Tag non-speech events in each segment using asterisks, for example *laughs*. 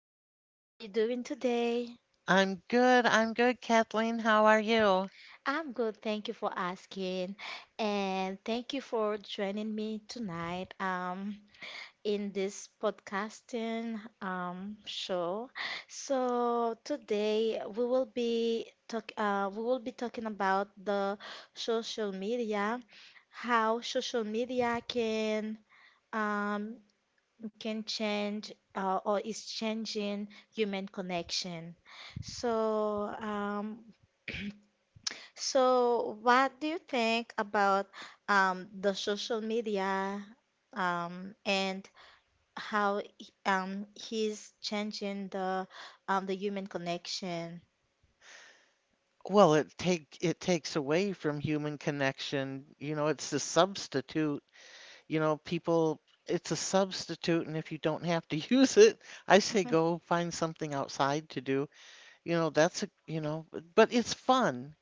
Christine. How you doing today? I'm good. I'm good, Kathleen. How are you? I'm good, thank you for asking. And thank you for joining me tonight in this podcasting show. So today we will be talking about the social media, how social media um can change or is changing human connection. So, so what do you think about the social media and how he's changing the human connection? Well, it takes away from human connection. You know, it's a substitute. You know, people, it's a substitute, and if you don't have to *laughs* use it, I say go find something outside to do. You know, that's a, you know, But it's fun.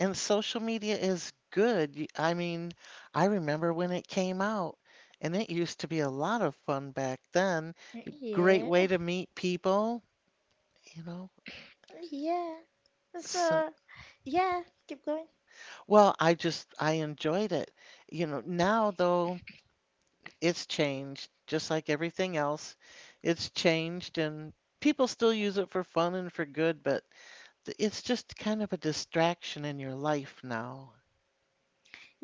And social media is good. I mean, I remember when it came out, and it used to be a lot of fun back then. Great Yeah, way to meet people, you know. yeah. So So, yeah, keep going. well, I just I enjoyed it. You know, now though it's changed, just like everything else. It's changed and people still use it for fun and for good, but it's just kind of a distraction in your life now.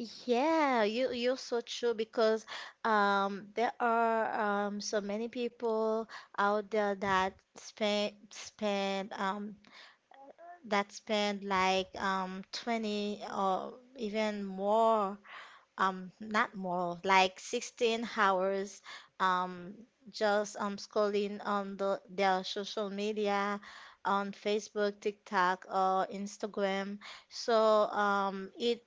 Yeah, you're so true because there are so many people out there that spend like 20 or even more not more like 16 hours um just scrolling on their social media on Facebook, TikTok or Instagram. So it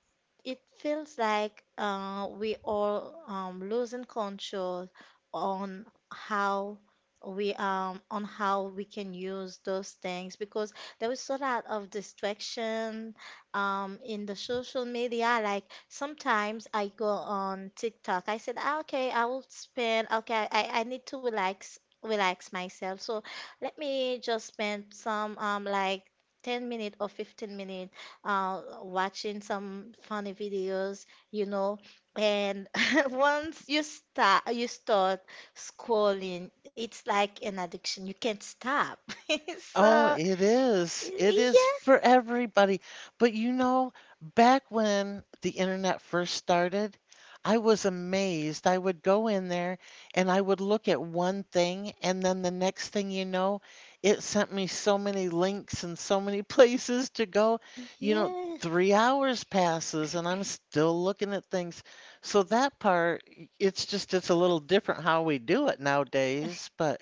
it feels like we all losing control on how on how we can use those things because there is a lot of distraction in the social media. Like sometimes I go on TikTok, I said, "Ah, okay, I will spend, okay, I need to relax myself, so let me just spend some like 10 minute or 15 minute watching some funny videos, you know." And *laughs* once you start, scrolling, it's like an addiction, you can't stop. *laughs* So Oh, it is. It is yeah, for everybody. But you know, back when the internet first started, I was amazed. I would go in there and I would look at one thing, and then the next thing you know, it sent me so many links and so many *laughs* places to go. You know, yeah. 3 hours passes and I'm still looking at things. So that part, it's just, it's a little different how we do it nowadays. But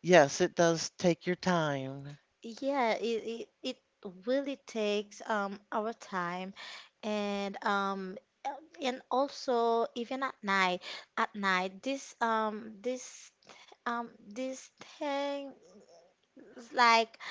yes, it does take your time. Yeah, it really takes our time and um uh, and also even at night this um this thing, it's like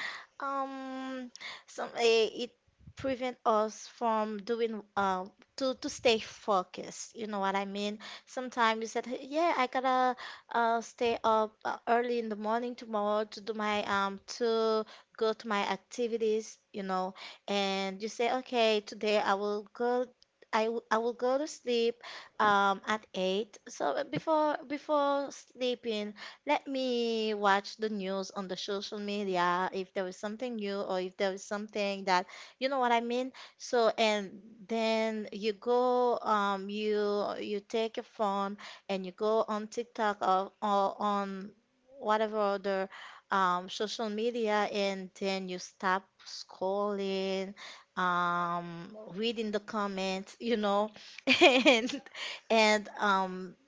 um it prevent us from doing to stay focused. You know what I mean? Sometimes you said, "Hey, yeah, I gotta stay up, early in the morning tomorrow to do my to go to my activities, you know." And you say, okay, today I will go. I will go to sleep, at eight. So, before sleeping, let me watch the news on the social media if there is something new or if there is something that, you know what I mean? So, and then you go, you take your phone and you go on TikTok or on whatever other social media, and then you stop scrolling, reading the comments, you know, *laughs* and and um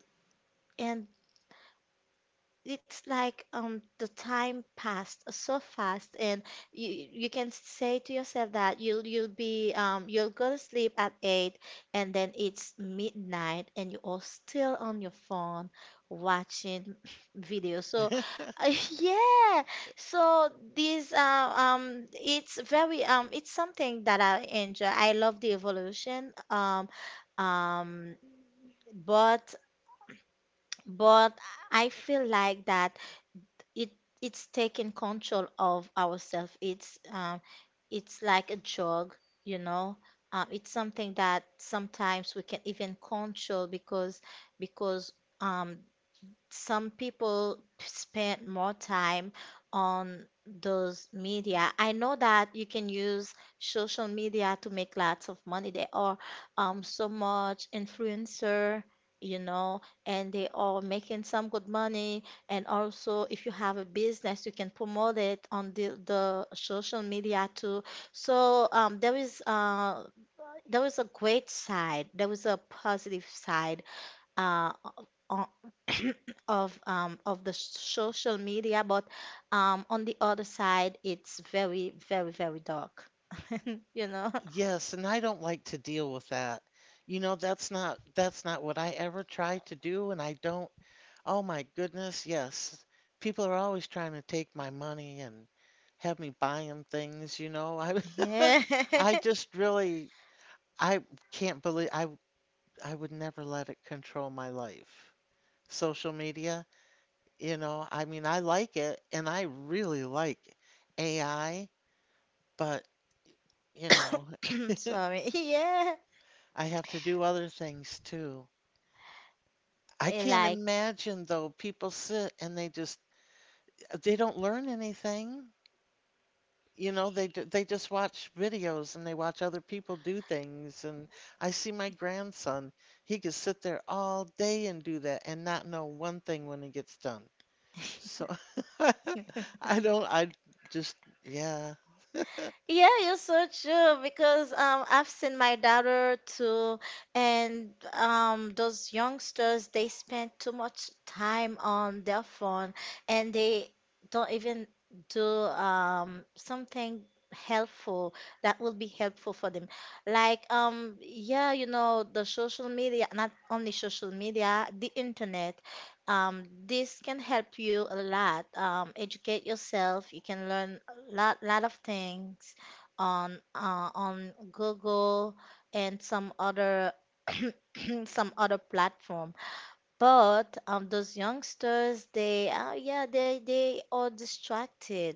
and it's like the time passed so fast and you can say to yourself that you'll go to sleep at 8, and then it's midnight and you are still on your phone watching *laughs* videos. So, uh, *laughs* yeah. So these it's very it's something that I enjoy. I love the evolution, um but but I feel like that it it's taking control of ourselves. It's like a drug, you know. It's something that sometimes we can even control because because um, some people spend more time on those media. I know that you can use social media to make lots of money. There are, so much influencer, you know, and they are making some good money. And also, if you have a business, you can promote it on the social media too. So there is a great side. There is a positive side, uh, o- *clears throat* of the social media, but on the other side, it's very, very, very dark. *laughs* You know? Yes, and I don't like to deal with that. You know, that's not what I ever try to do, and I don't. Oh my goodness, yes. People are always trying to take my money and have me buy them things, you know. I Yeah. *laughs* I just really I can't believe I would never let it control my life. Social media, you know, I mean, I like it and I really like AI, but you know, *coughs* Sorry. *laughs* Yeah. I have to do other things too. I Eh, can't like. imagine though, people sit and they just they don't learn anything. You know, they just watch videos and they watch other people do things. And I see my grandson, he could sit there all day and do that and not know one thing when he gets done. So *laughs* I don't, I just, yeah. Yeah, you're so true because, I've seen my daughter too, and those youngsters, they spend too much time on their phone and they don't even do, something helpful that will be helpful for them. Like, yeah, you know, the social media, not only social media, the internet. This can help you a lot. Educate yourself. You can learn a lot of things on, on Google and some other *clears throat* some other platform. But, those youngsters, they yeah, they are distracted.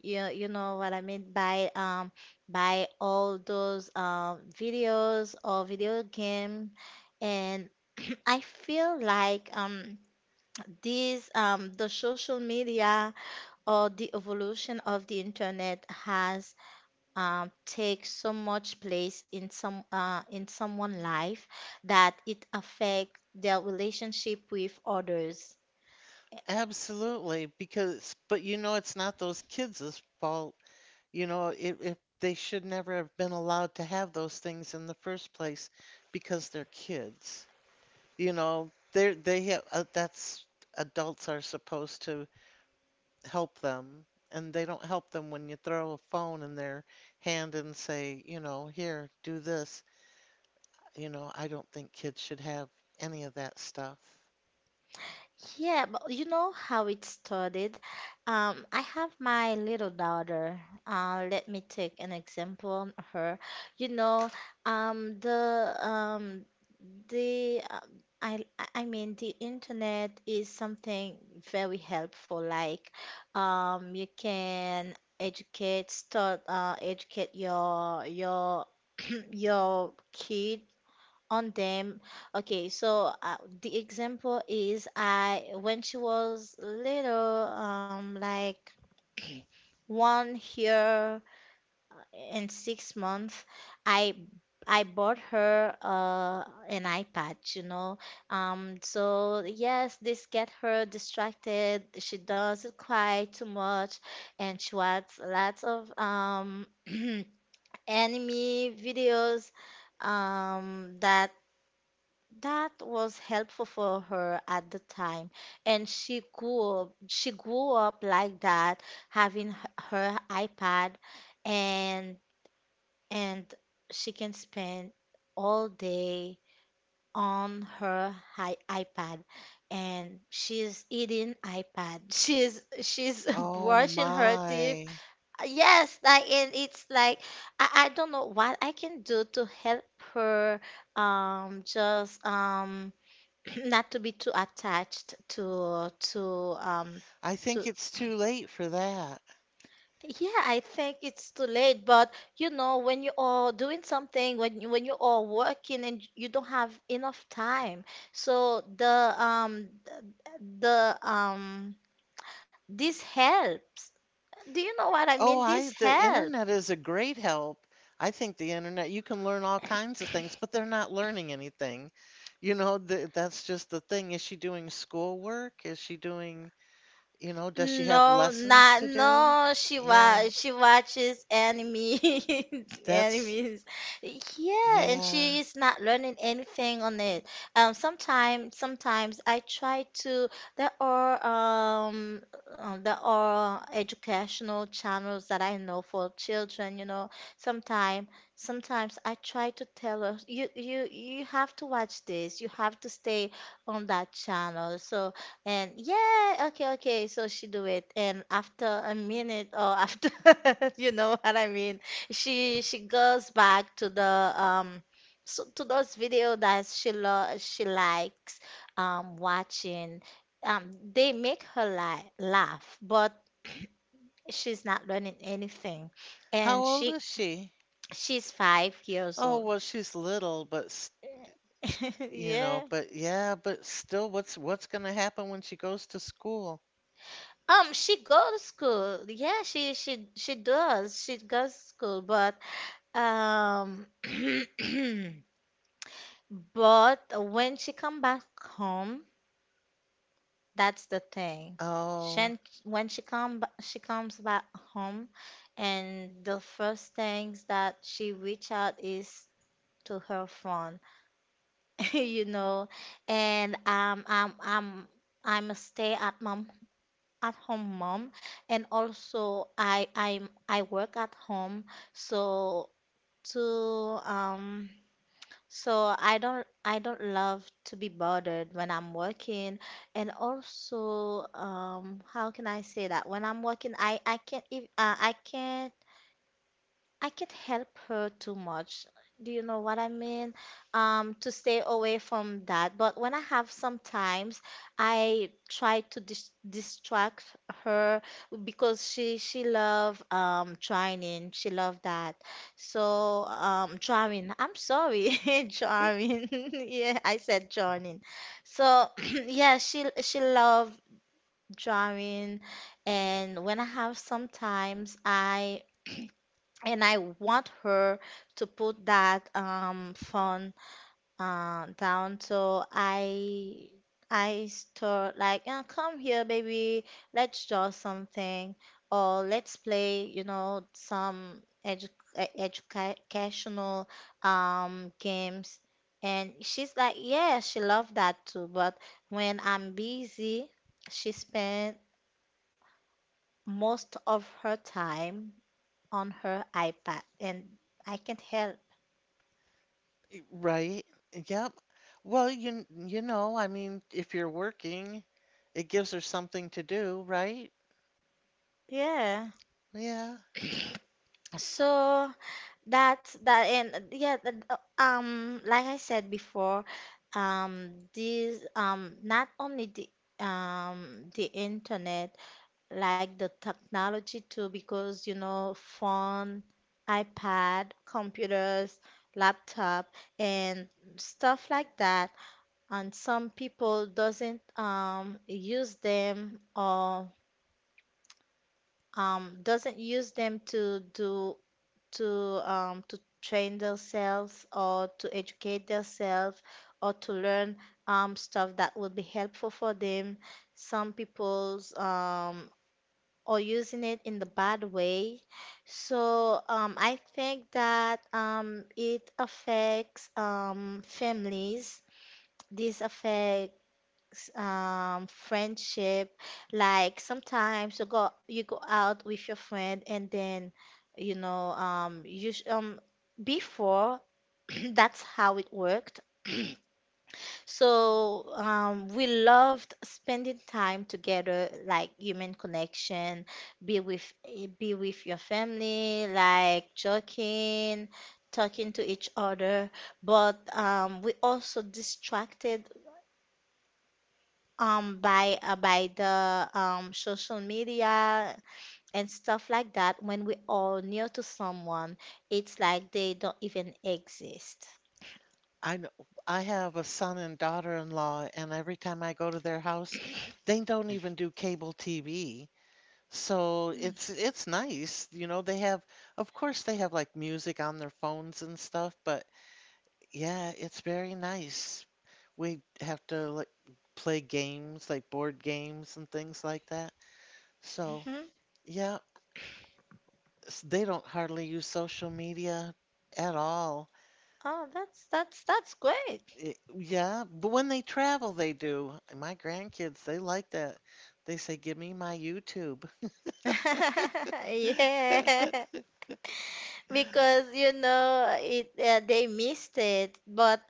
You know what I mean, by all those videos or video game. And *clears throat* I feel like the social media or the evolution of the internet has, take so much place in someone's life that it affects their relationship with others. Absolutely, because but you know it's not those kids' fault. You know, it they should never have been allowed to have those things in the first place because they're kids. You know, they're they have that's adults are supposed to help them, and they don't help them when you throw a phone in their hand and say, you know, here, do this. You know, I don't think kids should have any of that stuff. Yeah, but you know how it started? I have my little daughter. Let me take an example on her. You know, um, the um, the I I mean the internet is something very helpful. Like, you can educate your *clears throat* your kid on them. Okay, so, the example is, I when she was little, like 1 year and 6 months, I I bought her an iPad, you know. So yes, this get her distracted. She doesn't cry too much, and she watches lots of, *clears throat* anime videos that that was helpful for her at the time, and she grew up like that, having h- her iPad, and and she can spend all day on her iPad, and she's eating iPad, *laughs* she's *laughs* Oh brushing her teeth. my. Yes, like, and it's like, I don't know what I can do to help her, just *clears throat* not to be too attached um I think to it's too late for that. yeah, I think it's too late. But you know, when you are doing something, when you are working and you don't have enough time, so the this helps. Do you know what I Oh, mean? This I the helps. internet is a great help. I think the internet, you can learn all kinds of things, but they're not learning anything. You know, th that's just the thing. Is she doing schoolwork? Is she doing, you know, does she have No, lessons not to do? no. She Yeah, wa she watches anime, *laughs* that's, animes. Yeah, and yeah. she is not learning anything on it. Sometimes I try to. There are um there are educational channels that I know for children. You know, sometimes sometimes I try to tell her, you have to watch this. You have to stay on that channel. So. And yeah, okay, okay. So she do it, and after a minute or after, *laughs* you know what I mean, she goes back to the to those video that she likes watching. They make her li laugh, but she's not learning anything, How and old she. is she? She's 5 years Oh, old. well, she's little, but *laughs* you know, Yeah. but yeah, but still, what's going to happen when she goes to school? She goes school. Yeah, she does. She goes school, but, um, *clears throat* but when she come back home, that's the thing. Oh. Shen, when she she comes back home, and the first things that she reach out is to her phone, *laughs* you know, and I'm a stay at mom at home mom, and also I work at home, so to so I don't love to be bothered when I'm working. And also, how can I say that, when I'm working, I can't, if I can't, I can't help her too much. Do you know what I mean? To stay away from that. But when I have sometimes, I try to distract her because she love, drawing. She love that. So, drawing. I'm sorry, *laughs* drawing. *laughs* Yeah, I said drawing. So *clears throat* yeah, she love drawing, and when I have sometimes, I. *clears throat* And I want her to put that phone down. So I start like, come here, baby. Let's draw something, or let's play. You know, some educational games." And she's like, "Yeah," she loved that too. But when I'm busy, she spent most of her time on her iPad, and I can't help. Right? Yep. Well, you know, I mean, if you're working, it gives her something to do, right? Yeah. Yeah. So that's that, and, like I said before, this not only the internet, like the technology too, because you know, phone, iPad, computers, laptop and stuff like that, and some people doesn't use them, or doesn't use them to do, to to train themselves or to educate themselves or to learn, stuff that will be helpful for them. Some people's, are using it in the bad way. So, I think that, it affects, families. This affect, friendship. Like sometimes you go out with your friend, and then you know, before *clears throat* that's how it worked. *clears throat* So, we loved spending time together, like human connection, be with be with your family, like joking, talking to each other. But we also distracted by the social media and stuff like that. When we are near to someone, it's like they don't even exist. I know. I have a son and daughter-in-law, and every time I go to their house, they don't even do cable TV. So it's nice, you know, they have of course they have like music on their phones and stuff, but yeah, it's very nice. We have to like play games, like board games and things like that. So Hmm. yeah, they don't hardly use social media at all. Oh, that's that's great. It, yeah, but when they travel, they do. My grandkids, they like that. They say, "Give me my YouTube." *laughs* Yeah. *laughs* Because you know it they missed it, but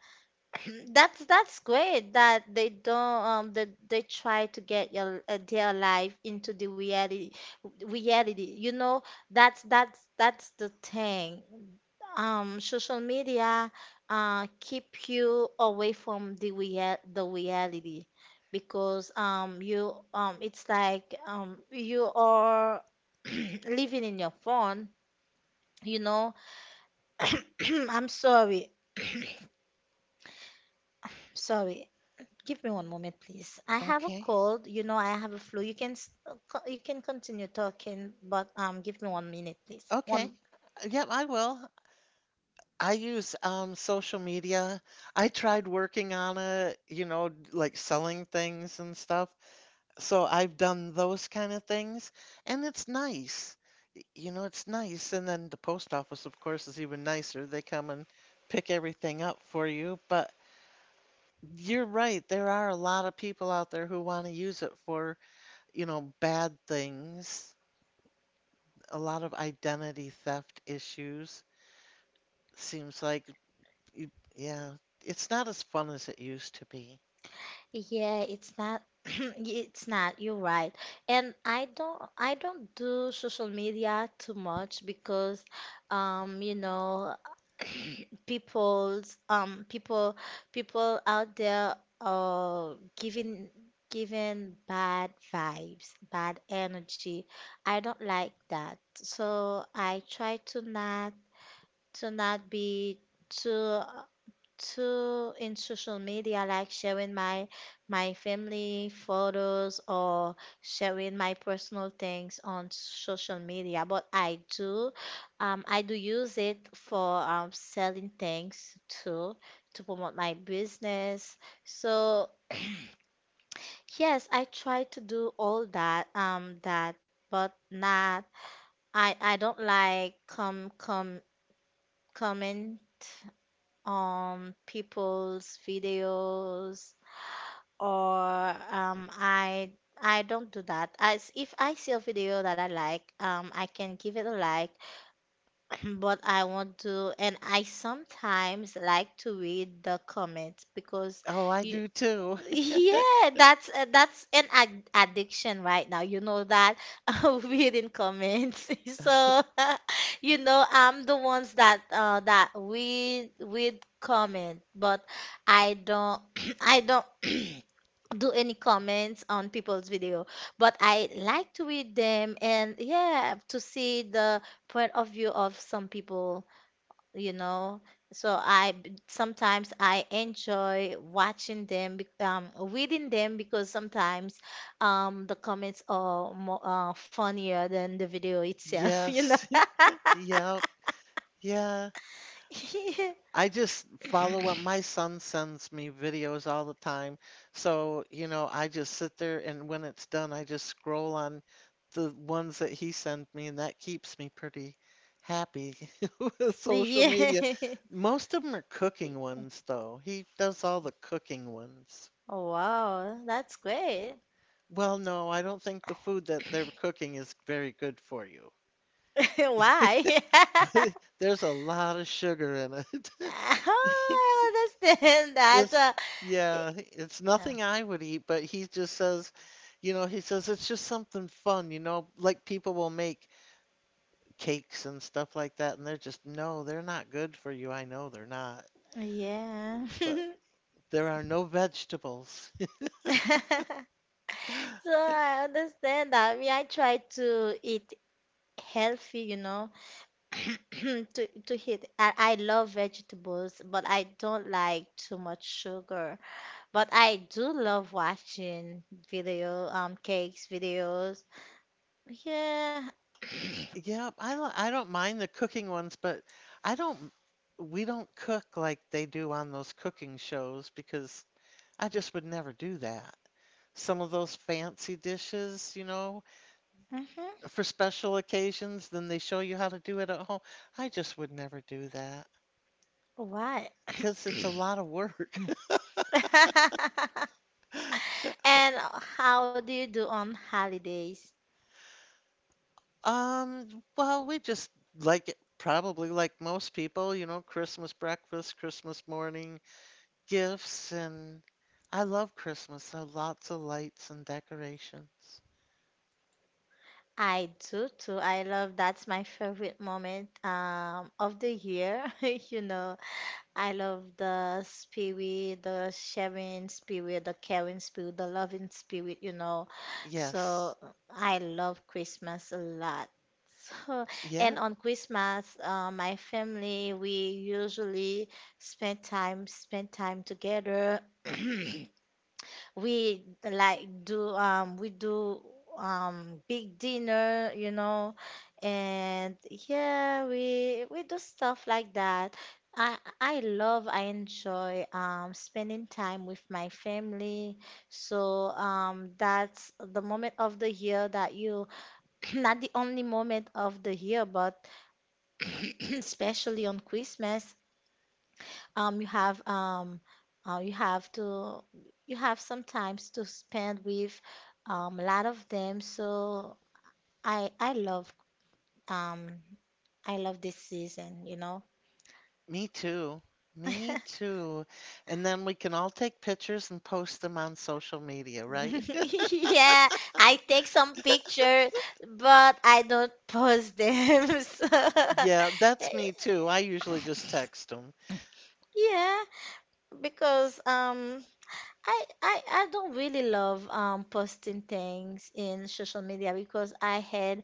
*clears throat* that's great that they don't that they try to get your their life into the reality. You know, that's that's the thing. Social media keep you away from the reality because you it's like you are *clears throat* living in your phone, you know. *clears throat* I'm sorry. *clears throat* Sorry. Give me one moment, please. I have a Okay. cold. You know, I have a flu. You can you can continue talking, but give me 1 minute, please. Okay. One. Yep, I will. I use social media. I tried working on it, you know, like selling things and stuff. So I've done those kind of things, and it's nice. You know, it's nice. And then the post office, of course, is even nicer. They come and pick everything up for you. But you're right, there are a lot of people out there who want to use it for, you know, bad things. A lot of identity theft issues. Seems like, you, yeah, it's not as fun as it used to be. Yeah, it's not *clears throat* it's not, you're right. And I don't do social media too much because you know *clears throat* people's um people people out there are giving bad vibes, bad energy. I don't like that. So I try to not be too to in social media, like sharing my family photos or sharing my personal things on social media. But I do use it for selling things too, to promote my business. So yes, I try to do all that, but not. I don't like com com comment on people's videos or I don't do that. As if I see a video that I like, I can give it a like, *clears throat* but I want to, and I sometimes like to read the comments because Oh, I you, do too. *laughs* *laughs* yeah, that's an ad addiction right now. You know that. *laughs* Reading comments. *laughs* So *laughs* you know, I'm the ones that read comment, but I don't *clears throat* I don't *clears throat* do any comments on people's video, but I like to read them, and yeah, to see the point of view of some people, you know. So sometimes I enjoy watching them, reading them because sometimes the comments are more funnier than the video itself, *laughs* you know. Yes. *laughs* Yep. Yeah. *laughs* I just follow up. My son sends me videos all the time. So, you know, I just sit there and when it's done, I just scroll on the ones that he sends me, and that keeps me pretty happy *laughs* with social Yeah. media. *laughs* Most of them are cooking ones, though. He does all the cooking ones. Wow, that's great. Well, no, I don't think the food that they're cooking is very good for you. *laughs* Why? *laughs* *laughs* There's a lot of sugar in it. *laughs* *laughs* Oh, I understand that. It's y- yeah, it's uh, nothing I would eat, but he just says, you know, he says it's just something fun, you know, like people will make cakes and stuff like that, and they're just no, they're not good for you. I know they're not, yeah. but there are no vegetables. *laughs* *laughs* So I understand that. Me, I try to eat healthy, you know, *clears throat* to eat. I love vegetables, but I don't like too much sugar. But I do love watching video, cakes videos. Yeah. *clears throat* Yeah, I don't mind the cooking ones, but I don't we don't cook like they do on those cooking shows because I just would never do that. Some of those fancy dishes, you know, Hmm. for special occasions, then they show you how to do it at home. I just would never do that Why? because it's a lot of work. *laughs* *laughs* And how do you do on holidays? Um, well, we just like it, probably like most people, you know, Christmas breakfast, Christmas morning, gifts, and I love Christmas. So lots of lights and decorations. I do too. I love that's my favorite moment of the year. *laughs* You know, I love the spirit, the sharing spirit, the caring spirit, the loving spirit, you know. So Yes. I love Christmas a lot. So, and Yeah, on Christmas, my family, we usually spend time together. *clears throat* We like do we do big dinner, you know, and yeah, we do stuff like that. I enjoy spending time with my family. So that's the moment of the year that you *clears throat* not the only moment of the year, but *clears throat* especially on Christmas um you have um you have to you have sometimes to spend with a lot of them. So I I love um I love this season, you know. me too. Me too. And then we can all take pictures and post them on social media, right? *laughs* *laughs* Yeah, I take some picture, but I don't post them. *laughs* So, *laughs* Yeah, that's me too. I usually just text them. yeah, because I don't really love posting things in social media because I had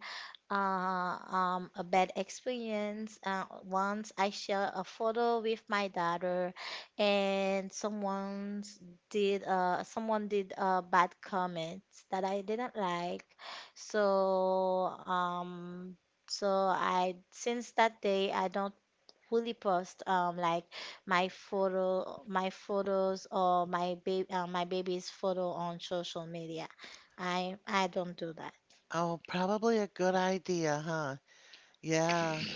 uh, a bad experience. Once I share a photo with my daughter, and someone did bad comments that I didn't like. So I since that day I don't fully post my photos or my baby, my baby's photo on social media. I don't do that. Oh, probably a good idea, huh? Yeah.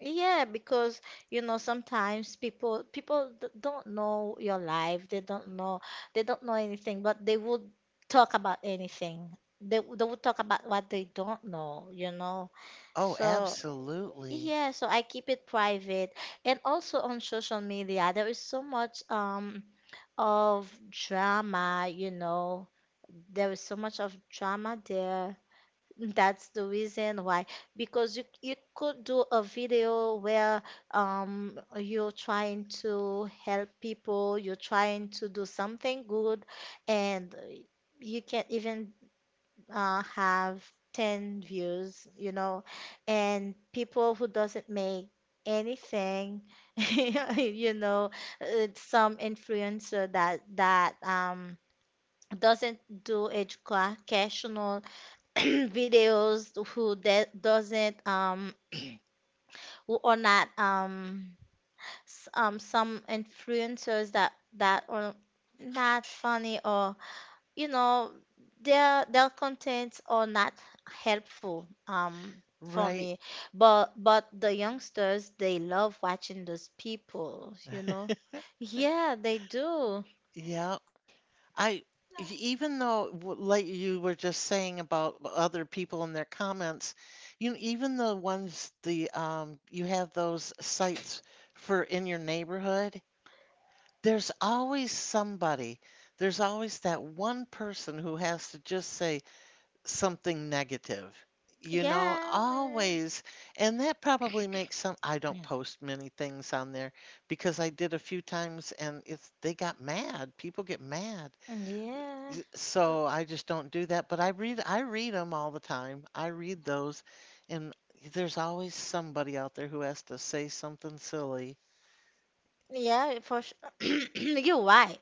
Yeah, because you know sometimes don't know your life. They don't know anything, but they would talk about anything. They would talk about what they don't know, you know. Oh, So absolutely. yeah, so I keep it private. And also on social media, there is so much of drama, you know. There is so much of drama there. *laughs* That's the reason why. Because you could do a video where you're trying to help people, you're trying to do something good, and you can even have 10 views, you know, and people who doesn't make anything, *laughs* you know, some influencer that that doesn't do educational *clears throat* videos doesn't *clears throat* who are not s- some influencers that are not funny or you know their contents are not helpful for Right. me, but the youngsters, they love watching those people, you know. *laughs* Yeah, they do. Yeah. I Even though like you were just saying about other people and their comments, you know, even the ones the you have those sites for in your neighborhood, there's always somebody. There's always that one person who has to just say something negative, Yeah. you know, Yeah. always. And that probably makes some, I don't post many things on there because I did a few times and it's, they got mad. People get mad. Mm, yeah. Mm, So I just don't do that. But I read them all the time. I read those and there's always somebody out there who has to say something silly. yeah, for sure. *clears throat* You're right.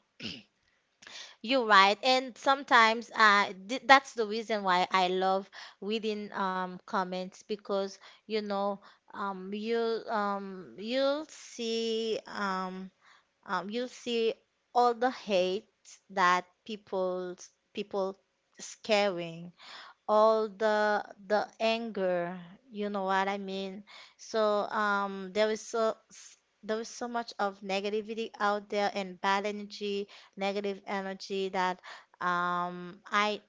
You're right, and sometimes that's the reason why I love reading comments because you know um, you um, you'll see um, you'll see all the hate that people scaring all the anger, you know what I mean. So there is so much of negativity out there and bad energy negative energy that um i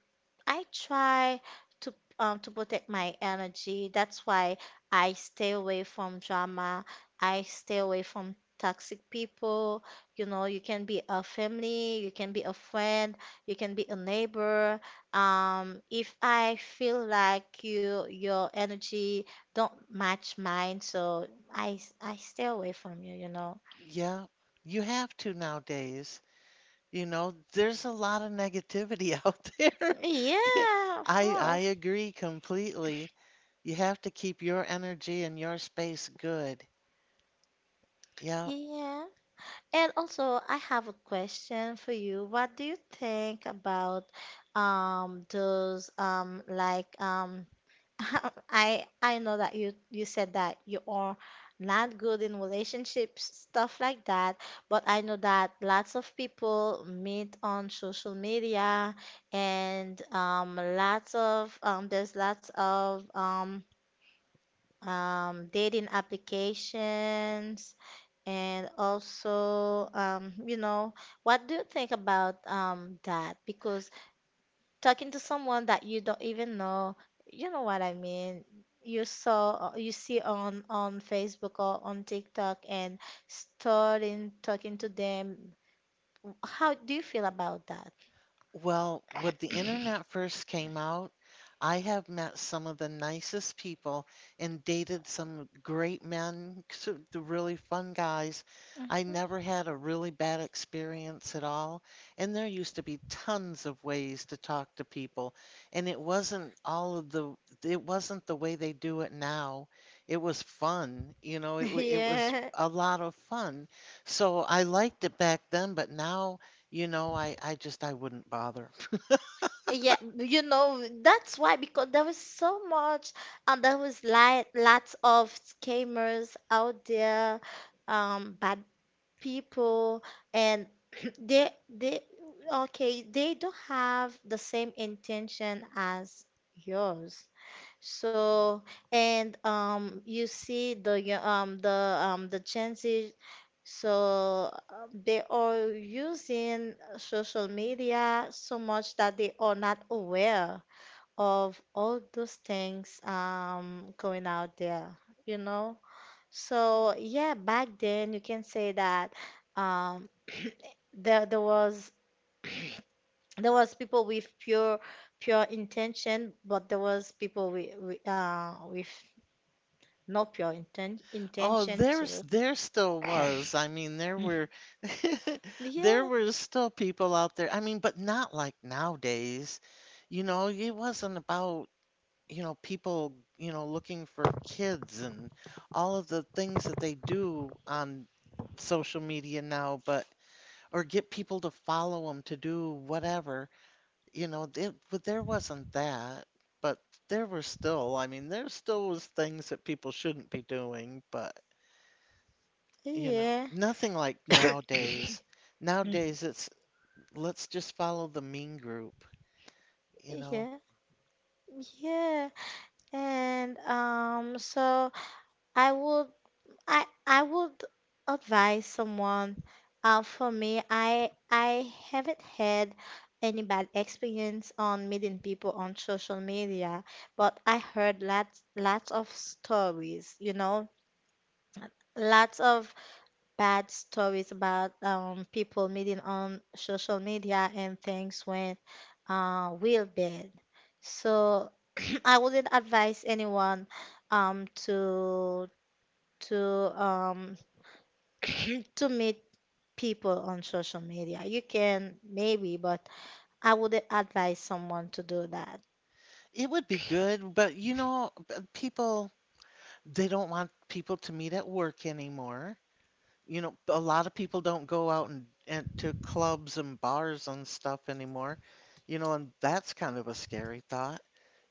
I try to to protect my energy. That's why I stay away from drama. I stay away from toxic people. You know, you can be a family, you can be a friend, you can be a neighbor. If I feel like your energy don't match mine, so I stay away from you, you know. Yeah, you have to nowadays. You know, there's a lot of negativity *laughs* out there. Yeah, *laughs* of I course. agree completely. You have to keep your energy and your space good. Yeah. Yeah. And also, I have a question for you. What do you think about those like *laughs* I know that you said that you are not good in relationships, stuff like that, but I know that lots of people meet on social media, and lots of there's lots of dating applications, and also, you know, what do you think about that? Because talking to someone that you don't even know, you know what I mean? You see on Facebook or on TikTok and starting talking to them. How do you feel about that? Well, when the internet first came out, I have met some of the nicest people and dated some great men, the really fun guys. I never had a really bad experience at all. And there used to be tons of ways to talk to people. And it wasn't the way they do it now. It was fun, you know, *laughs* it was Yeah. a lot of fun. So I liked it back then, but now. You know, I just I wouldn't bother. Yeah, you know, that's why, because there was so much and there was like lots of scammers out there, bad people, and *clears throat* they they okay they don't have the same intention as yours. So and the Gen Z. So they are using social media so much that they are not aware of all those things going out there, you know. So yeah, back then you can say that um, *clears throat* there was *clears throat* there was people with pure intention, but there was people with, with no pure Oh, intention too. there still was. I mean, there were *laughs* there Yeah, were still people out there. I mean, but not like nowadays. You know, it wasn't about, you know, people, you know, looking for kids and all of the things that they do on social media now, but or get people to follow them to do whatever. You know, but there wasn't that, but there were still, I mean, there still was things that people shouldn't be doing, but you know, yeah, nothing like nowadays. Nowadays it's let's just follow the mean group, you know. yeah, yeah. And so I would I would advise someone. For me, I haven't had any bad experience on meeting people on social media, but I heard lots of stories, you know, lots of bad stories about people meeting on social media and things went real bad. So *clears throat* I wouldn't advise anyone um to to um *laughs* *clears throat* to meet people on social media. You can maybe, but I would advise someone to do that. It would be good, but you know, people they don't want people to meet at work anymore. You know, a lot of people don't go out and to clubs and bars and stuff anymore, you know, and that's kind of a scary thought,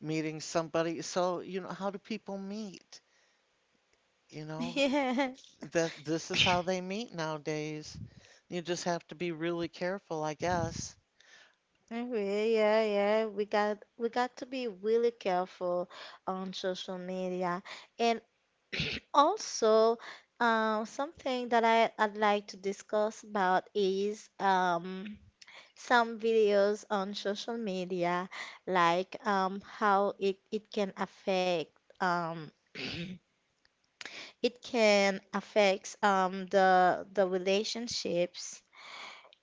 meeting somebody. So, you know, how do people meet? You *laughs* know, Yeah. that this is how they meet nowadays. You just have to be really careful, I guess. Okay, yeah, yeah. We got to be really careful on social media, and *clears throat* also something that I I'd like to discuss about is some videos on social media, like how it can affect um the relationships,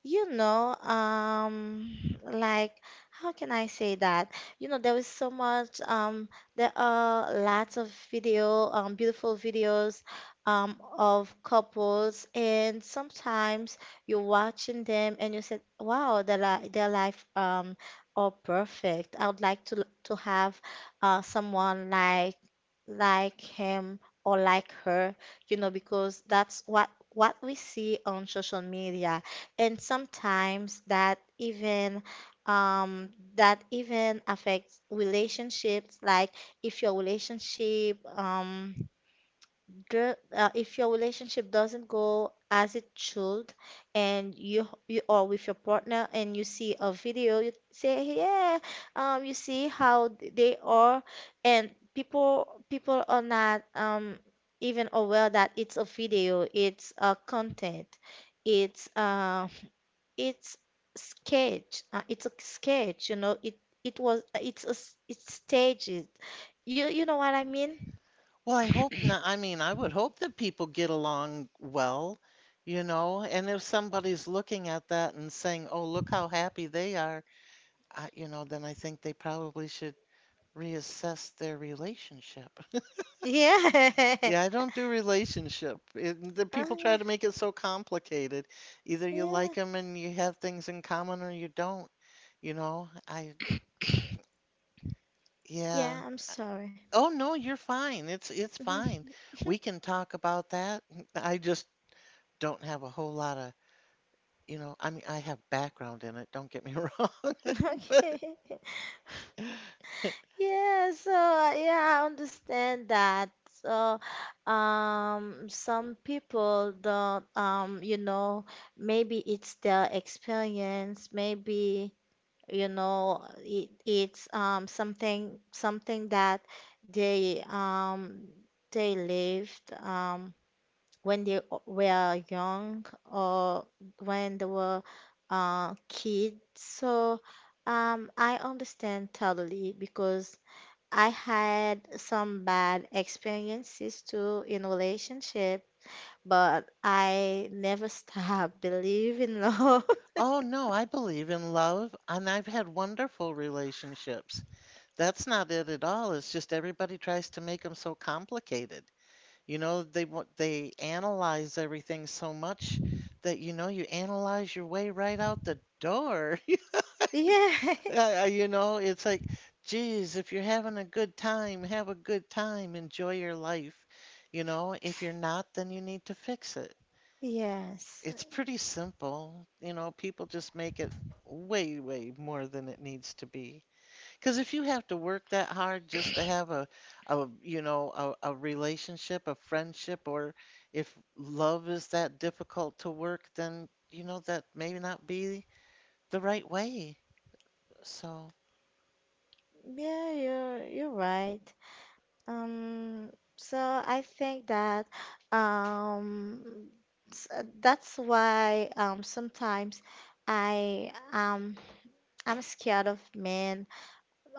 you know. Um, like how can I say that? You know, there is so much there are lots of video, beautiful videos of couples, and sometimes you're watching them and you said, wow, their li their life are perfect. I would like to have someone like him or like her, you know, because that's what we see on social media. And sometimes um that even affects relationships, like if your relationship if your relationship doesn't go as it should, and you are with your partner and you see a video, you say, yeah, you see how they are. And people people are not even aware that it's a video, it's a content, it's uh it's it's a sketch, you know. It's it's staged. You know what I mean? Well, I hope not. I mean, I would hope that people get along well, you know, and if somebody's looking at that and saying, "Oh, look how happy they are," I, you know, then I think they probably should reassess their relationship. *laughs* *laughs* Yeah. Yeah, I don't do relationship. It, the people try to *laughs* make it so complicated. Either you like Yeah. them and you have things in common or you don't, you know? I yeah. Yeah, I'm sorry. Oh no, you're fine. It's fine. *laughs* We can talk about that. I just don't have a whole lot of, I have background in it, don't get me *laughs* wrong, *laughs* but Okay. Yeah, so yeah, I understand that. So, some people don't, you know, maybe it's their experience, maybe, you know, it's something that they um they lived. When they were young or when they were kids. So I understand totally because I had some bad experiences too in relationship, but I never stopped *laughs* believing love. *laughs* oh no, I believe in love and I've had wonderful relationships. That's not it at all. It's just everybody tries to make them so complicated. You know, they analyze everything so much that you know you analyze your way right out the door. *laughs* Yeah. *laughs* You know, it's like, geez, if you're having a good time, have a good time, enjoy your life. You know, if you're not, then you need to fix it. Yes. It's pretty simple. You know, people just make it way, way more than it needs to be. Because if you have to work that hard just to have a relationship, a friendship, or if love is that difficult to work, then, you know, that may not be the right way. So, Yeah, you're right. Um, so I think that um, that's why sometimes I um, I'm scared of men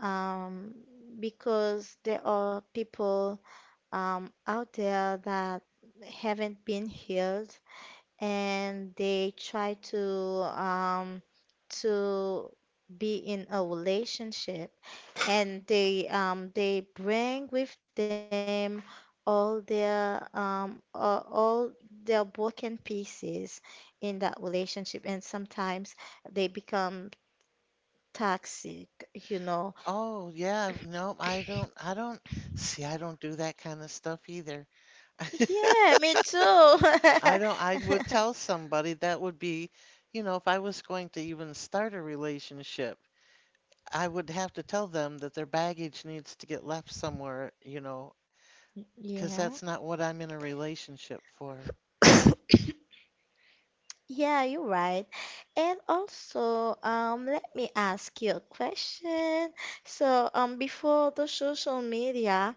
um, because there are people out there that haven't been healed and they try um, to be in a relationship and they bring with them all their all their broken pieces in that relationship and sometimes they become toxic, you know. oh yeah, no, I don't, see, I don't do that kind of stuff either. *laughs* Yeah, me too. I don't, I would tell *laughs* somebody that would be, you know, if I was going to even start a relationship, I would have to tell them that their baggage needs to get left somewhere, you know, because Yeah. that's not what I'm in a relationship for. *laughs* *coughs* Yeah, you're right. And also, let me ask you a question. So, before the social media,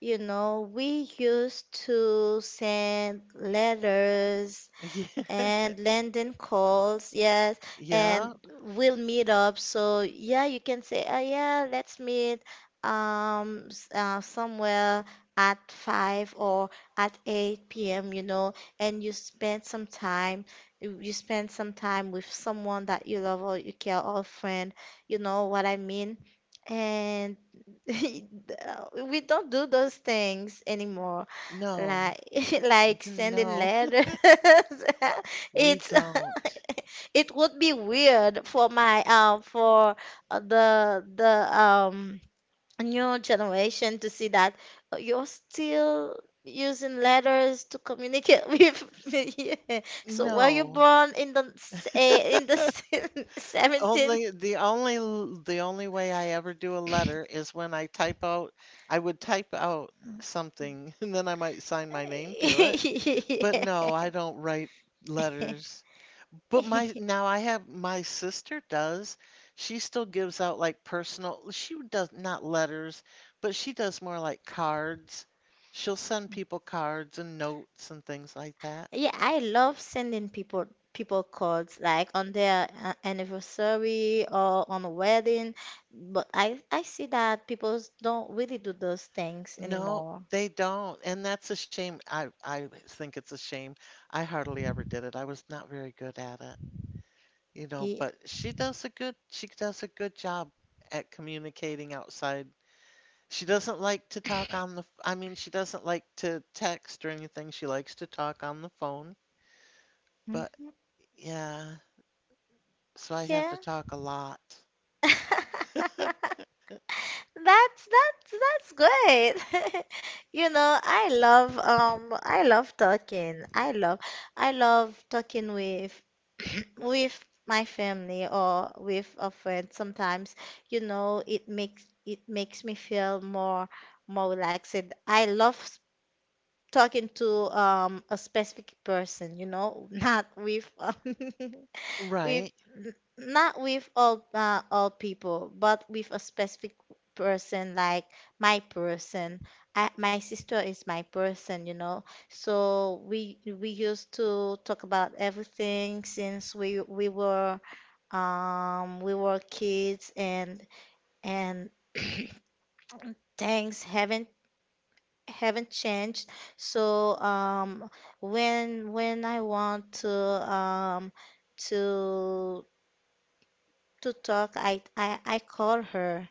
you know, we used to send letters Yeah, and London calls, yes, and yeah, we'll meet up. So yeah, you can say, yeah, let's meet somewhere at 5 or at 8 p.m., you know, and you spend some time, you spend some time with someone that you love or you care or friend, you know what I mean? And *laughs* we don't do those things anymore no, like *laughs* like sending no, letters. *laughs* we It's don't. *laughs* it would be weird for my for the new generation to see that you're still using letters to communicate *laughs* with me. Yeah. So were you No. born in the in the Only the only l- the only way I ever do a letter is when I type out I would type out something *laughs* and then I might sign my name to. But no, I *laughs* don't write letters. 17th? But my *laughs* *laughs* now I have my sister does. She still gives out like personal, she does not letters, but she does more like cards. She'll send people cards and notes and things like that. Yeah, I love sending people cards like on their anniversary or on a wedding, but I see that people don't really do those things No, anymore. they don't. And that's a shame. I think it's a shame. I hardly ever did it. I was not very good at it, you know, but Yeah. She does a good job at communicating outside. She doesn't like to talk on the, f- I mean, she doesn't like to text or anything. She likes to talk on the phone. Mm. But yeah, so I have Yeah. to talk a lot. *laughs* That's good. *laughs* You know, I love I love talking. I love talking with *clears throat* with my family or with a friend. Sometimes, you know, it makes me feel more relaxed. I love s- Talking to a specific person, you know, *laughs* not with *laughs* with Right. Not with all people, but with a specific person like my person. My sister is my person, you know. So we used to talk about everything since we were we were kids and *coughs* *clears throat* things haven't changed. So when I want to to talk, I call her,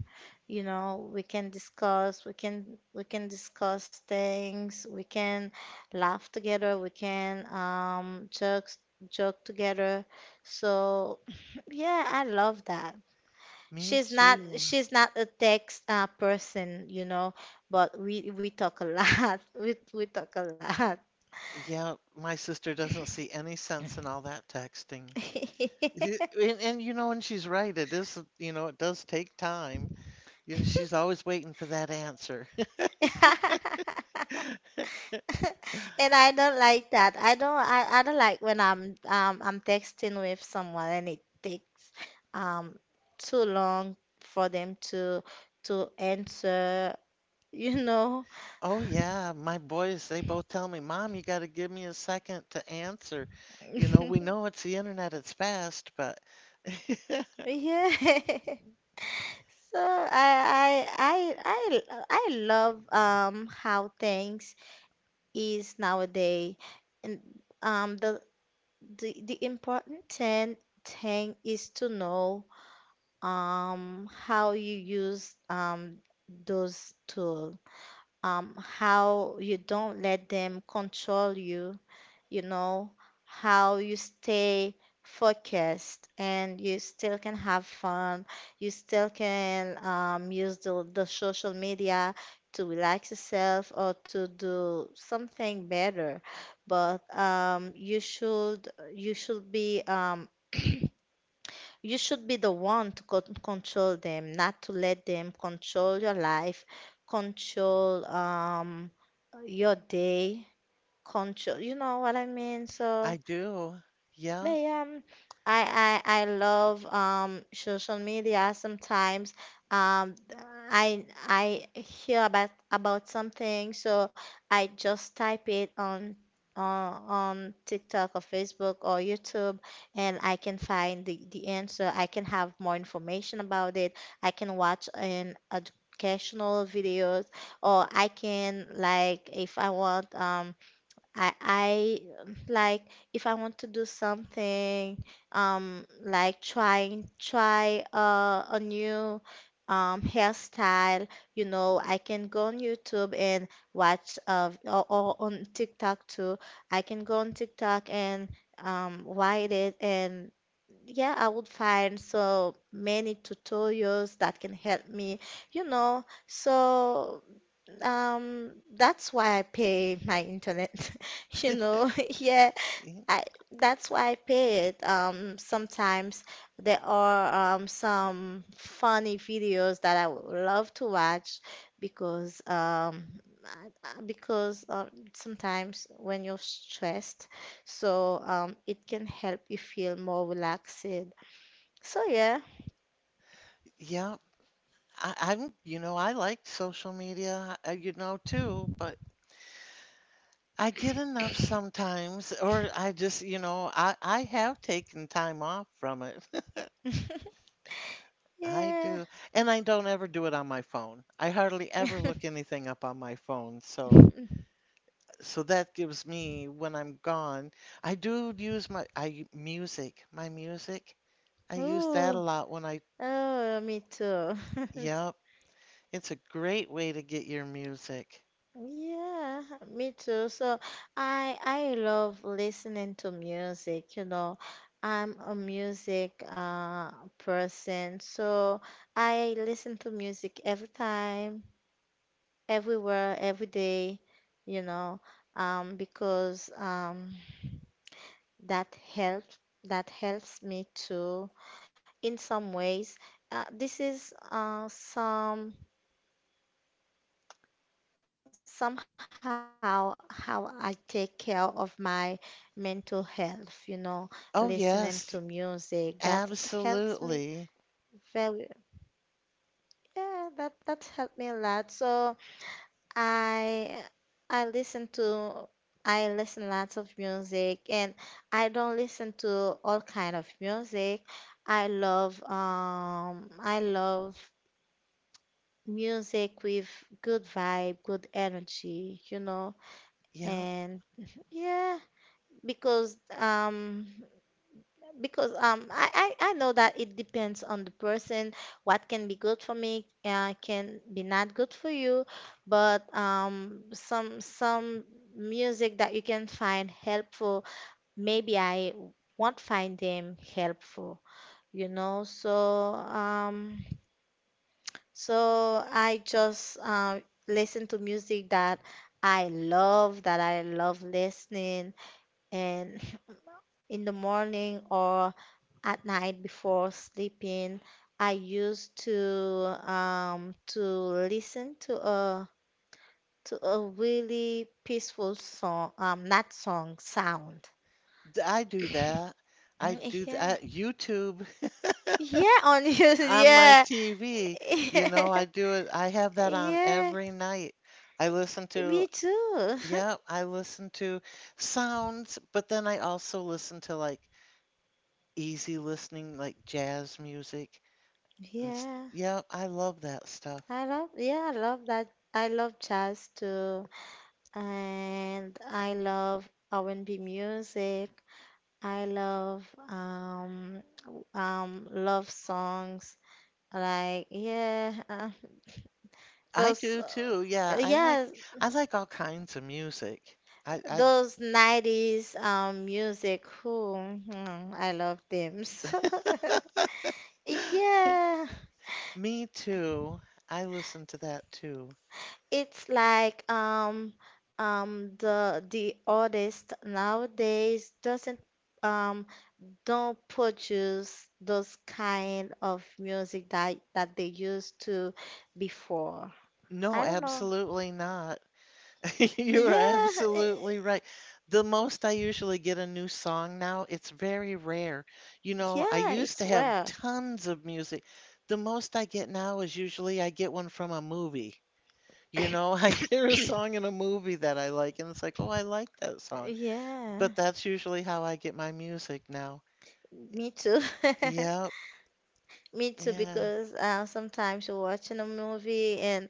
you know, we can discuss, we can discuss things, we can laugh together, we can joke joke together. So *laughs* *clears throat* yeah, I love that. Me she's not too. she's not a text person, you know, but we talk a lot. *laughs* We talk a lot. Yeah, my sister doesn't see any sense in all that texting. And you know, and she's right. It is, you know, it does take time. You know, she's always waiting for that answer. *laughs* *laughs* *laughs* And I don't like that. I don't like when I'm I'm texting with someone and it takes um too long for them to answer, you know. Oh yeah, my boys, they both tell me, Mom, you got to give me a second to answer. You know, we *laughs* know it's the internet, it's fast, but *laughs* Yeah. *laughs* So I I love how things is nowadays. And um the the important thing is to know, how you use, those tools, how you don't let them control you, you know, how you stay focused and you still can have fun, you still can, use the social media to relax yourself or to do something better. But you should be, *clears throat* you should be the one to control them, not to let them control your life, control your day, control, you know what I mean? So I do. Yeah. but I love social media sometimes. Um, I hear about something, so I just type it on on TikTok or Facebook or YouTube, and I can find the answer. I can have more information about it. I can watch an educational videos, or I can like if I want I like if I want to do something like trying try a new hairstyle, you know, I can go on YouTube and watch or on TikTok too. I can go on TikTok and write it, and yeah, I would find so many tutorials that can help me, you know. So that's why I pay my internet, *laughs* you know. *laughs* Yeah, y- I that's why I pay it. Sometimes there are some funny videos that I would love to watch because because sometimes when you're stressed, so it can help you feel more relaxed. So yeah, Yeah. I'm, you know, I like social media, you know, too, but I get enough sometimes, or I just, you know, I have taken time off from it. *laughs* I yeah. do. And I don't ever do it on my phone. I hardly ever look *laughs* anything up on my phone. So, so that gives me when I'm gone, I do use my music. I use that a Oh, lot when I, oh, me too. *laughs* yep, it's a great way to get your music. Yeah, me too. So I love listening to music, you know. I'm a music person. So I listen to music every time, everywhere, every day, you know, because that helps, that helps me too in some ways. This is somehow how I take care of my mental health, you know, listening to Oh, yes, music that helps me absolutely. very yeah, that that helped me a lot. So I I listen to, I listen lots of music, and I don't listen to all kind of music. I love I love music with good vibe, good energy, you know, Yeah, and yeah. Because because I know that it depends on the person, what can be good for me, can be not good for you. But some music that you can find helpful, maybe I won't find them helpful, you know. So so I just, listen to music that I love, that I love listening, and in the morning or at night before sleeping, I used to listen to a really peaceful song, not song, sound. I do that. Mm. I do Yeah. that. YouTube Yeah, on *laughs* YouTube, on my yeah. TV, you know, I do it. I have *laughs* that on Yeah. every night. I listen to, Me too. *laughs* yeah, I listen to sounds, but then I also listen to like easy listening, like jazz music. And Yeah. yeah, I love that stuff. I love yeah, I love that. I love jazz too. And I love R&B music. I love love songs like yeah I those do too. Yeah, yeah I like all kinds of music. I those 90s music who mm, I love them. *laughs* So yeah, *gasps* me too. I listen to that too. it's like the artist nowadays doesn't um don't produce those kind of music that that they used to before. No, I don't know. absolutely not. *laughs* You're Yeah, eh, absolutely right. The most I usually get a new song now, it's very rare. You know, I yeah, used to it's have where. tons of music. The most I get now is usually I get one from a movie. You know, *laughs* I hear a song *coughs* in a movie that I like, and it's like, oh, I like that song. Yeah, But that's usually how I get my music now. me too. *laughs* Yep, Me too, yeah, because sometimes you're watching a movie and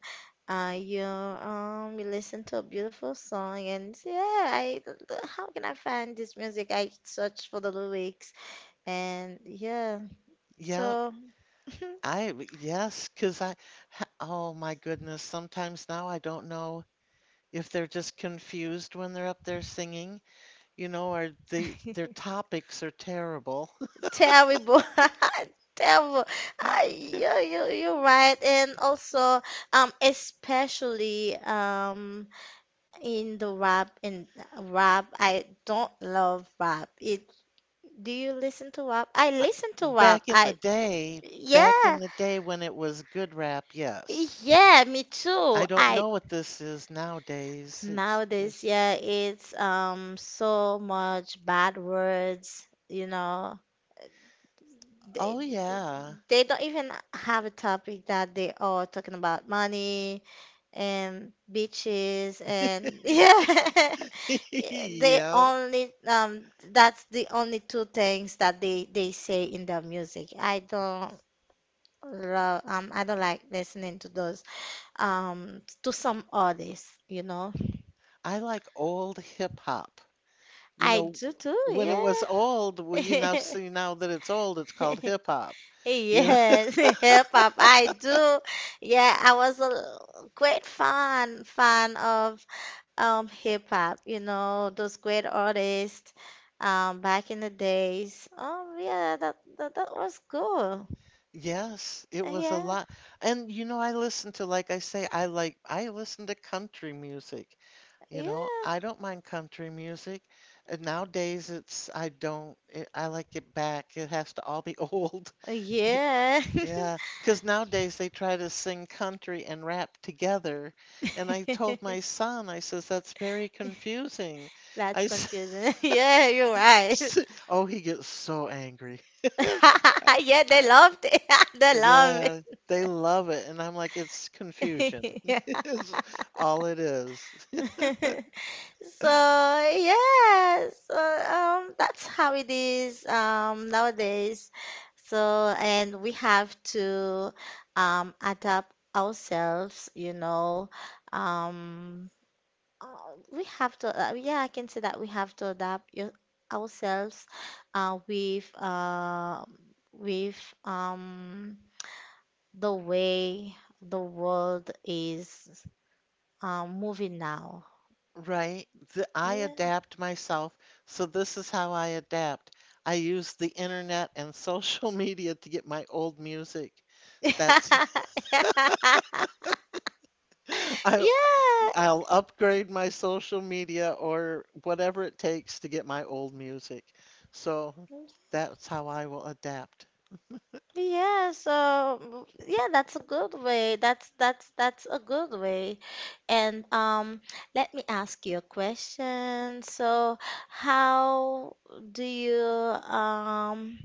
you you listen to a beautiful song and say, yeah, I how can I find this music? I search for the lyrics, and yeah, yep. so I, yes, because I, oh my goodness, sometimes now I don't know if they're just confused when they're up there singing, you know, or they, their *laughs* topics are terrible. *laughs* terrible. *laughs* Terrible. You're right. And also, especially in the rap and rap, I don't love rap. It, do you listen to rap? I listen to Back rap. in the day, back in Yeah, the day when it was good rap, yes. yeah, me I too. don't I know what this is nowadays. It's nowadays, just, yeah, it's so much bad words, you know, they oh yeah. Don't even have a topic that they are talking about money and beaches and *laughs* yeah, *laughs* they Yeah. only that's the only two things that they say in their music. I don't love I don't like listening to those to some artists, you know. I like old hip hop. You I know, do too, when it was yeah. old, well, you now see now that it's old, it's called *laughs* hip hop. You know, Yes, *laughs* hip hop. I do. Yeah, I was a great fan of hip hop. You know those great artists back in the days. Oh yeah, that was cool. *laughs* yes, it was a Yeah, lot. And you know, I listen to, like I say, I listen to country music. You yeah, know, I don't mind country music. And nowadays, it's I don't it, I like it back. It has to all be *laughs* old. yeah. Yeah, because nowadays they try to sing country and rap together. And I told *laughs* my son, I says, that's very confusing. That's I s confusing. *laughs* Yeah, you're right. *laughs* Oh, he gets so angry. *laughs* Yeah, they I, loved it. *laughs* They love yeah, it. they love it, and I'm like, it's *laughs* confusion. Yeah. *laughs* Is all it is. *laughs* So yes, so, that's how it is, nowadays. So and we have to adapt ourselves, you know. Um, uh, we have to, yeah, I can say that we have to adapt ourselves uh, with uh, with um, the way the world is, moving now. Right? I Yeah. adapt myself. So this is how I adapt. I use the internet and social *laughs* media to get my old music. That's *laughs* Yeah. *laughs* I I'll upgrade my social media or whatever it takes to get my old music. So that's how I will adapt. Yeah, so yeah, that's a good way. That's a good way. And let me ask you a question. So how do you um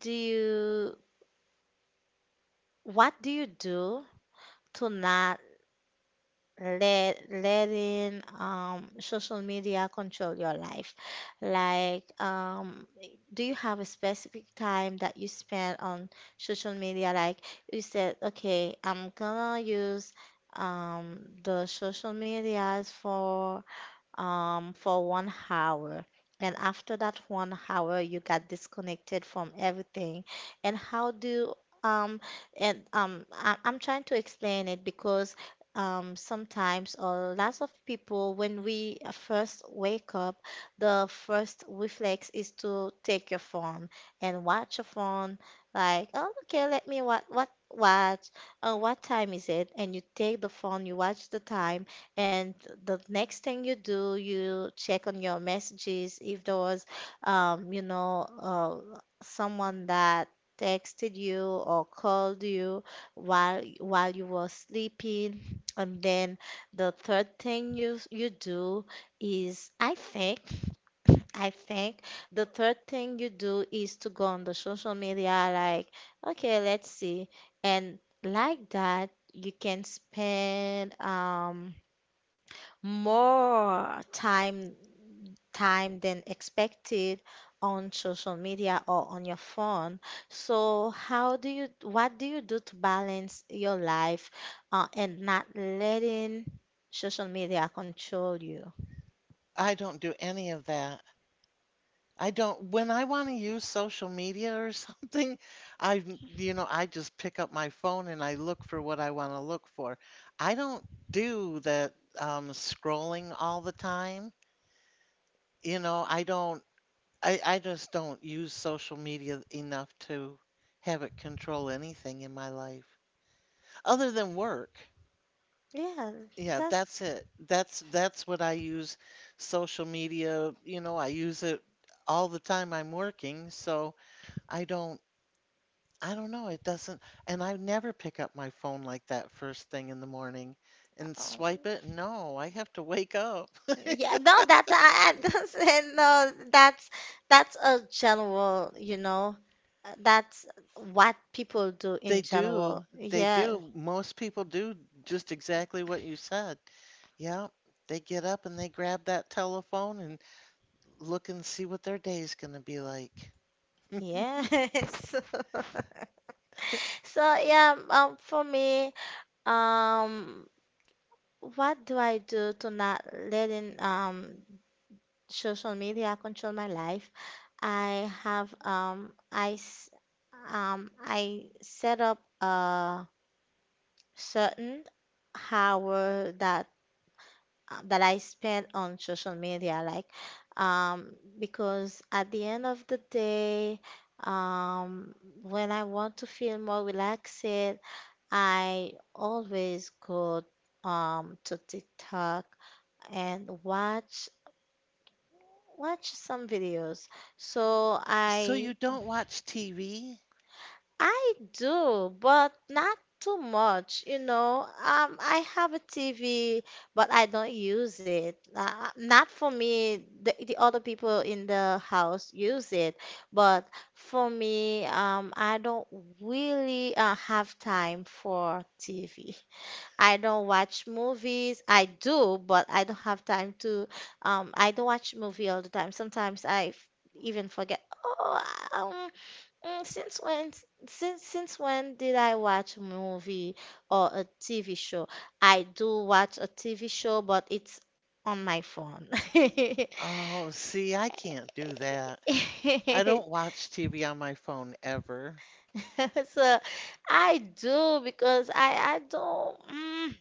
do you what do you do to not let letting social media control your life? Like do you have a specific time that you spend on social media, like you said, okay, I'm gonna use the social medias for 1 hour. And after that 1 hour, you got disconnected from everything. And how do um and I'm trying to explain it because sometimes or lots of people when we first wake up, the first reflex is to take your phone and watch your phone. Like, oh, okay, let me what watch. Oh, what time is it? And you take the phone, you watch the time, and the next thing you do, you check on your messages if there was, you know, someone that texted you or called you while you were sleeping. And then the third thing you you do is, I think, *clears throat* I think the third thing you do is to go on the social media, like, okay, let's see, and like that you can spend more time, than expected on social media or on your phone. So how do you what do you do to balance your life and not letting social media control you? I don't do any of that. I don't, when I want to use social media or *laughs* something, I, you know, I just pick up my phone and I look for what I want to look for. I don't do that scrolling all the time. You know, I don't, I just don't use social media enough to have it control anything in my life other than work. Yeah, Yeah, that's that's it. That's what I use social media, you know, I use it all the time I'm working, so I don't I don't know, it doesn't, and I never pick up my phone like that first thing in the morning and um, swipe it. No, I have to wake up. *laughs* yeah, no, that I *laughs* that's, no, that's That's a general, you know, that's what people do They in general. do. They Yeah. do. Most people do just exactly what you said. Yeah, they get up and they grab that telephone and look and see what their day's going to be like. Yes. *laughs* So yeah, for me, um, what do I do to not letting social media control my life? I have I set up a certain hour that that I spend on social media, like, um, because at the end of the day, um, when I want to feel more relaxed, I always go to TikTok and watch some videos. So So you don't watch TV? I do, but not too much, you know. I have a TV, but I don't use it. Not for me. The other people in the house use it, but for me, I don't really have time for TV. I don't watch movies. I do, but I don't have time to. I don't watch movie all the time. Sometimes even forget. Oh, um, Mm, Since when, since since when did I watch a movie or a TV show? I do watch a TV show, but it's on my phone. *laughs* Oh, see, I can't do that. I don't watch TV on my phone ever. *laughs* So I do because I don't mm,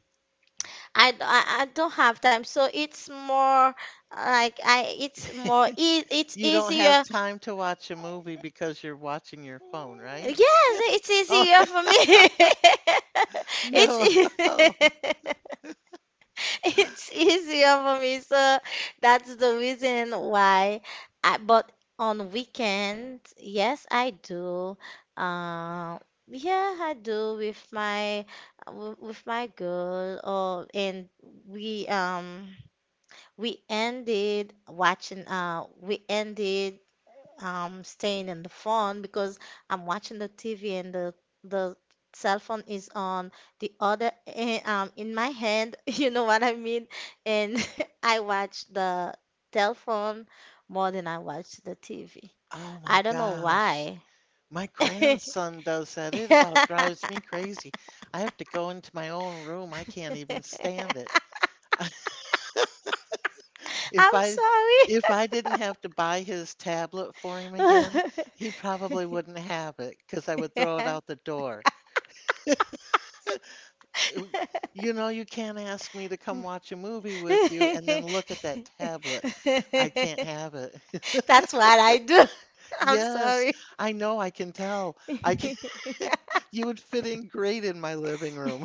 I, d- I- I don't have time. So it's more like I it's more e it's You don't have easier. time to watch a movie because you're watching your phone, right? Yes, it's Oh, easier for me. *laughs* *laughs* It's no. e *laughs* *laughs* *laughs* It's easier for me, so that's the reason why I, but on weekend, yes, I do. Uh, yeah, I do with my with my girl, or and we um we ended watching we ended staying in the phone because I'm watching the TV and the cell phone is on the other in my hand. *laughs* You know what I mean? And *laughs* I watch the telephone more than I watch the TV. Oh I my don't know gosh. why. *laughs* My grandson does that. It about drives me crazy. I have to go into my own room. I can't even stand it. *laughs* I'm If I if I sorry. didn't have to buy his tablet for him again, he probably wouldn't have it because I would throw it out the door. Ooh, you know, you can't ask me to come watch a movie with you and then look at that tablet. *laughs* I can't *laughs* have it. *laughs* That's what I do. *laughs* I'm Yes, sorry. I know, I can tell. I can *laughs* *laughs* you would fit in great in my living room.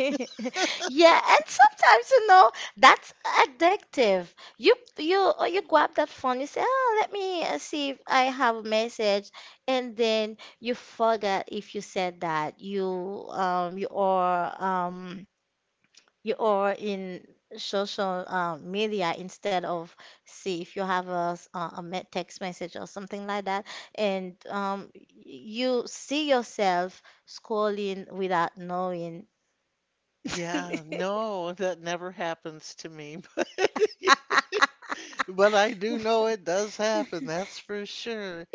Yeah, and sometimes you know that's addictive. You or you grab that phone, you say, "Oh, let me see if I have a message," and then you forget if you said that um you are um you are in social media instead of see if you have a, s- a me- text message or something like that and you see yourself scrolling without knowing. *laughs* *laughs* Yeah, yeah, no, that never happens to me. *laughs* But I do know it does happen, that's for sure.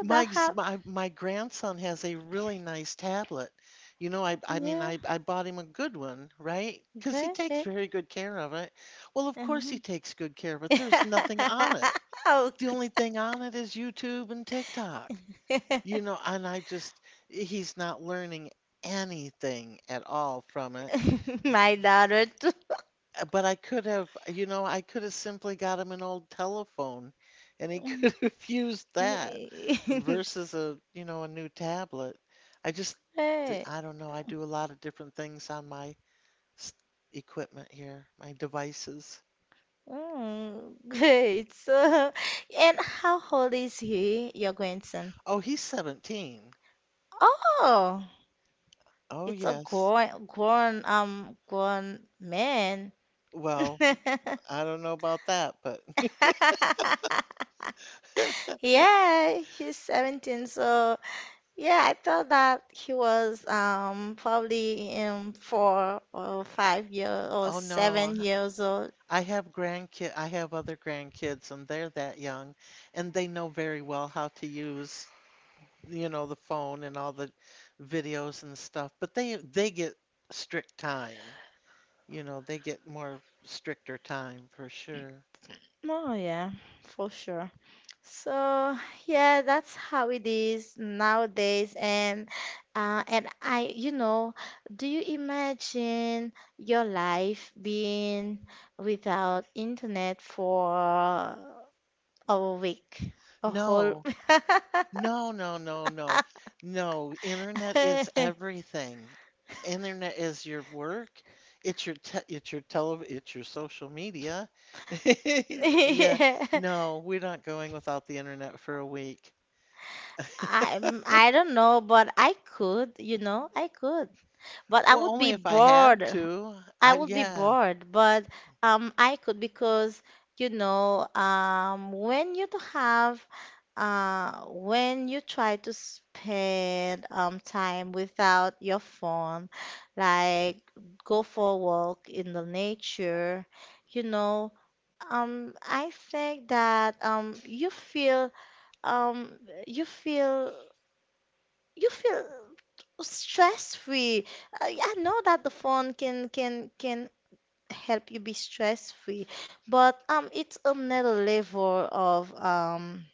My, that happened. My grandson has a really nice tablet. You know, I I mean Yeah, I I bought him a good one, right? 'Cause he takes great. very good care of it. Well, of course he Mhm. takes good care of it. There's nothing on it. *laughs* The okay. only thing on it is YouTube and TikTok. You know, and I just he's not learning anything at all from it. *laughs* my daughter too. *laughs* But I could have, you know, I could have simply got him an old telephone and he *laughs* Mm. could have used that *laughs* versus a, you know, a new tablet. I just, Hey. I don't know. I do a lot of different things on my s- equipment here, my devices. Mm, *laughs* great. So, and how old is he, your grandson? Oh, he's 17. Oh, Oh, it's a yes. Grown man. Well, *laughs* I don't know about that, but *laughs* Yeah, he's 17, so yeah, I thought that he was probably in 4 or 5 years or oh no, 7 years old. I have grandkid, I have other grandkids and they're that young and they know very well how to use you know, the phone and all the videos and stuff, but they get strict time. You know, they get more stricter time for sure. Oh yeah, for sure. So yeah, that's how it is nowadays. And uh, and I, you know, do you imagine your life being without internet for a week, a whole? No. No, no, no, no. No, internet is *laughs* everything. Internet is your work. It's your te it's your tele it's your social media. *laughs* Yeah. Yeah. No, we're not going without the internet for a week. I don't know, but I could, you know, I could. But I Well, would only be if I had bored. to. I I would be yeah. bored, but I could because you know when you do have when you try to spend time without your phone, like go for a walk in the nature, you know, I think that you feel um, you feel you feel stress free. I know that the phone can help you be stress free. But it's another level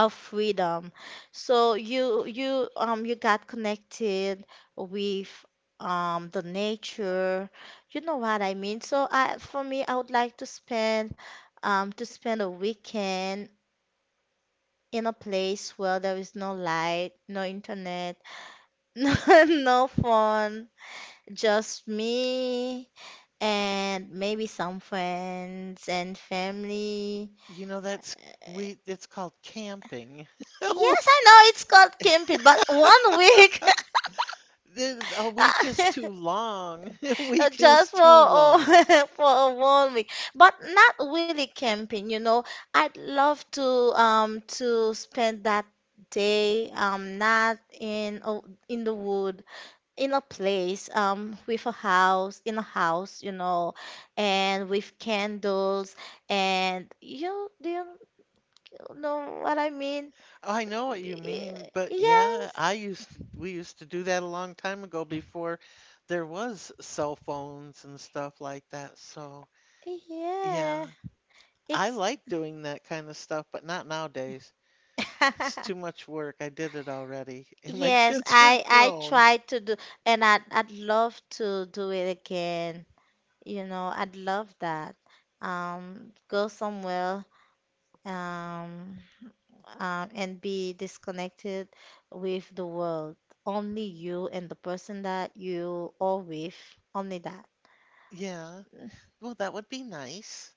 of freedom. So you got connected with the nature. You know what I mean? So I for me, I would like to spend a weekend in a place where there is no light, no internet, *laughs* no, no phone, just me and maybe some friends and family. You know, that's we it's called camping. *laughs* Yes, I know it's called camping, but 1 week. *laughs* A week is Uh, too long. *laughs* A *laughs* week is just too long. *laughs* For a 1 week but not really camping, you know. I'd love to spend that day not in the wood, in a place with a house in a house, you know, and with candles and you — you know what I mean? I know what you mean, Y- but yeah, Yes, I used to we used to do that a long time ago before there was cell phones and stuff like that. So, yeah. yeah, I It's like doing that kind of stuff, but not nowadays. It's too *laughs* much work. I did it already, *laughs* and my yes, kids are I grown. tried to do, and I'd love to do it again. You know, I'd love that. Go somewhere, um, and be disconnected with the world. Only you and the person that you are with. Only that. Yeah. Well, that would be nice.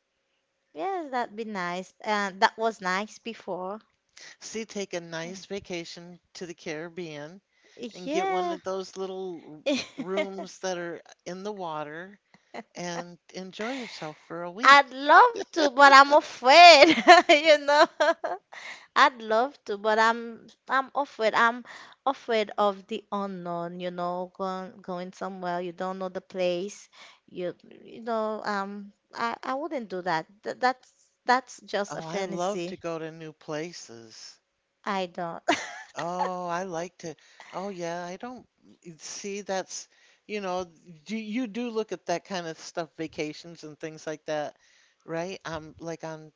Yes, that'd be nice. And that was nice before. See, take a nice vacation to the Caribbean and get one Yeah. of those little rooms that are in the water and enjoy yourself for a I'd week. love to, but I'm afraid, *laughs* you know. I'd love to, but I'm afraid. I'm afraid of the unknown, you know, going somewhere you don't know the place. You you know, I wouldn't do that. Th that's just a Oh, I love to fantasy. go to new places. I don't. *laughs* Oh, I like to. Oh, yeah, I don't see that's, you know, you do look at that kind of stuff, vacations and things like that, right? Like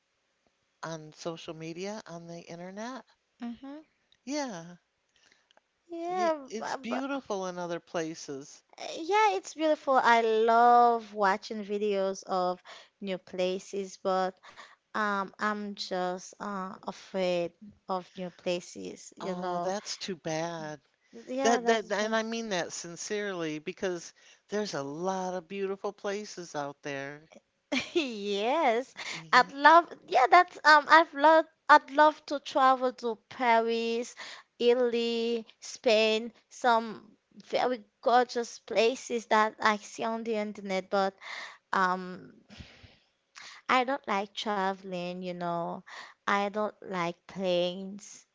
on social media, on the internet. hmm. Yeah, yeah, Yeah, it's but beautiful in other places. Yeah, it's beautiful. I love watching videos of new places, but I'm just afraid of new places, you Oh, know. that's too bad. Yeah, That that that's and my— I mean that sincerely because there's a lot of beautiful places out there. *laughs* yes. I'd Yeah. love — yeah, that's I'd love to travel to Paris, Italy, Spain, some very gorgeous places that I see on the internet, but um I don't like traveling, you know. I don't like planes.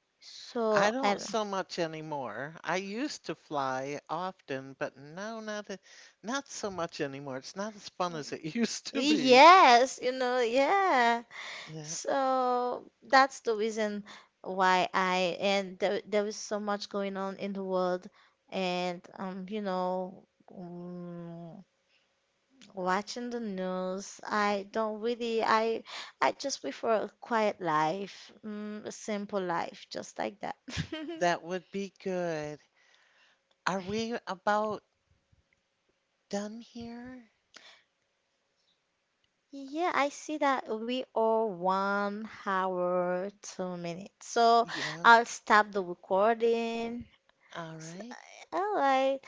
I So, don't and so much anymore. I used to fly often, but now not so much anymore. It's not as fun as it *laughs* used to be. yes, you know, yeah. Yeah, So that's the reason why I, and there was so much going on in the world, and you know, mm, watching the news, I don't really, I just prefer a quiet life, mm, a simple life, just like that. *laughs* that would be good. Are we about done here? Yeah, I see that we are 1 hour, 2 minutes. So Yeah. I'll stop the recording. All S- right. All right.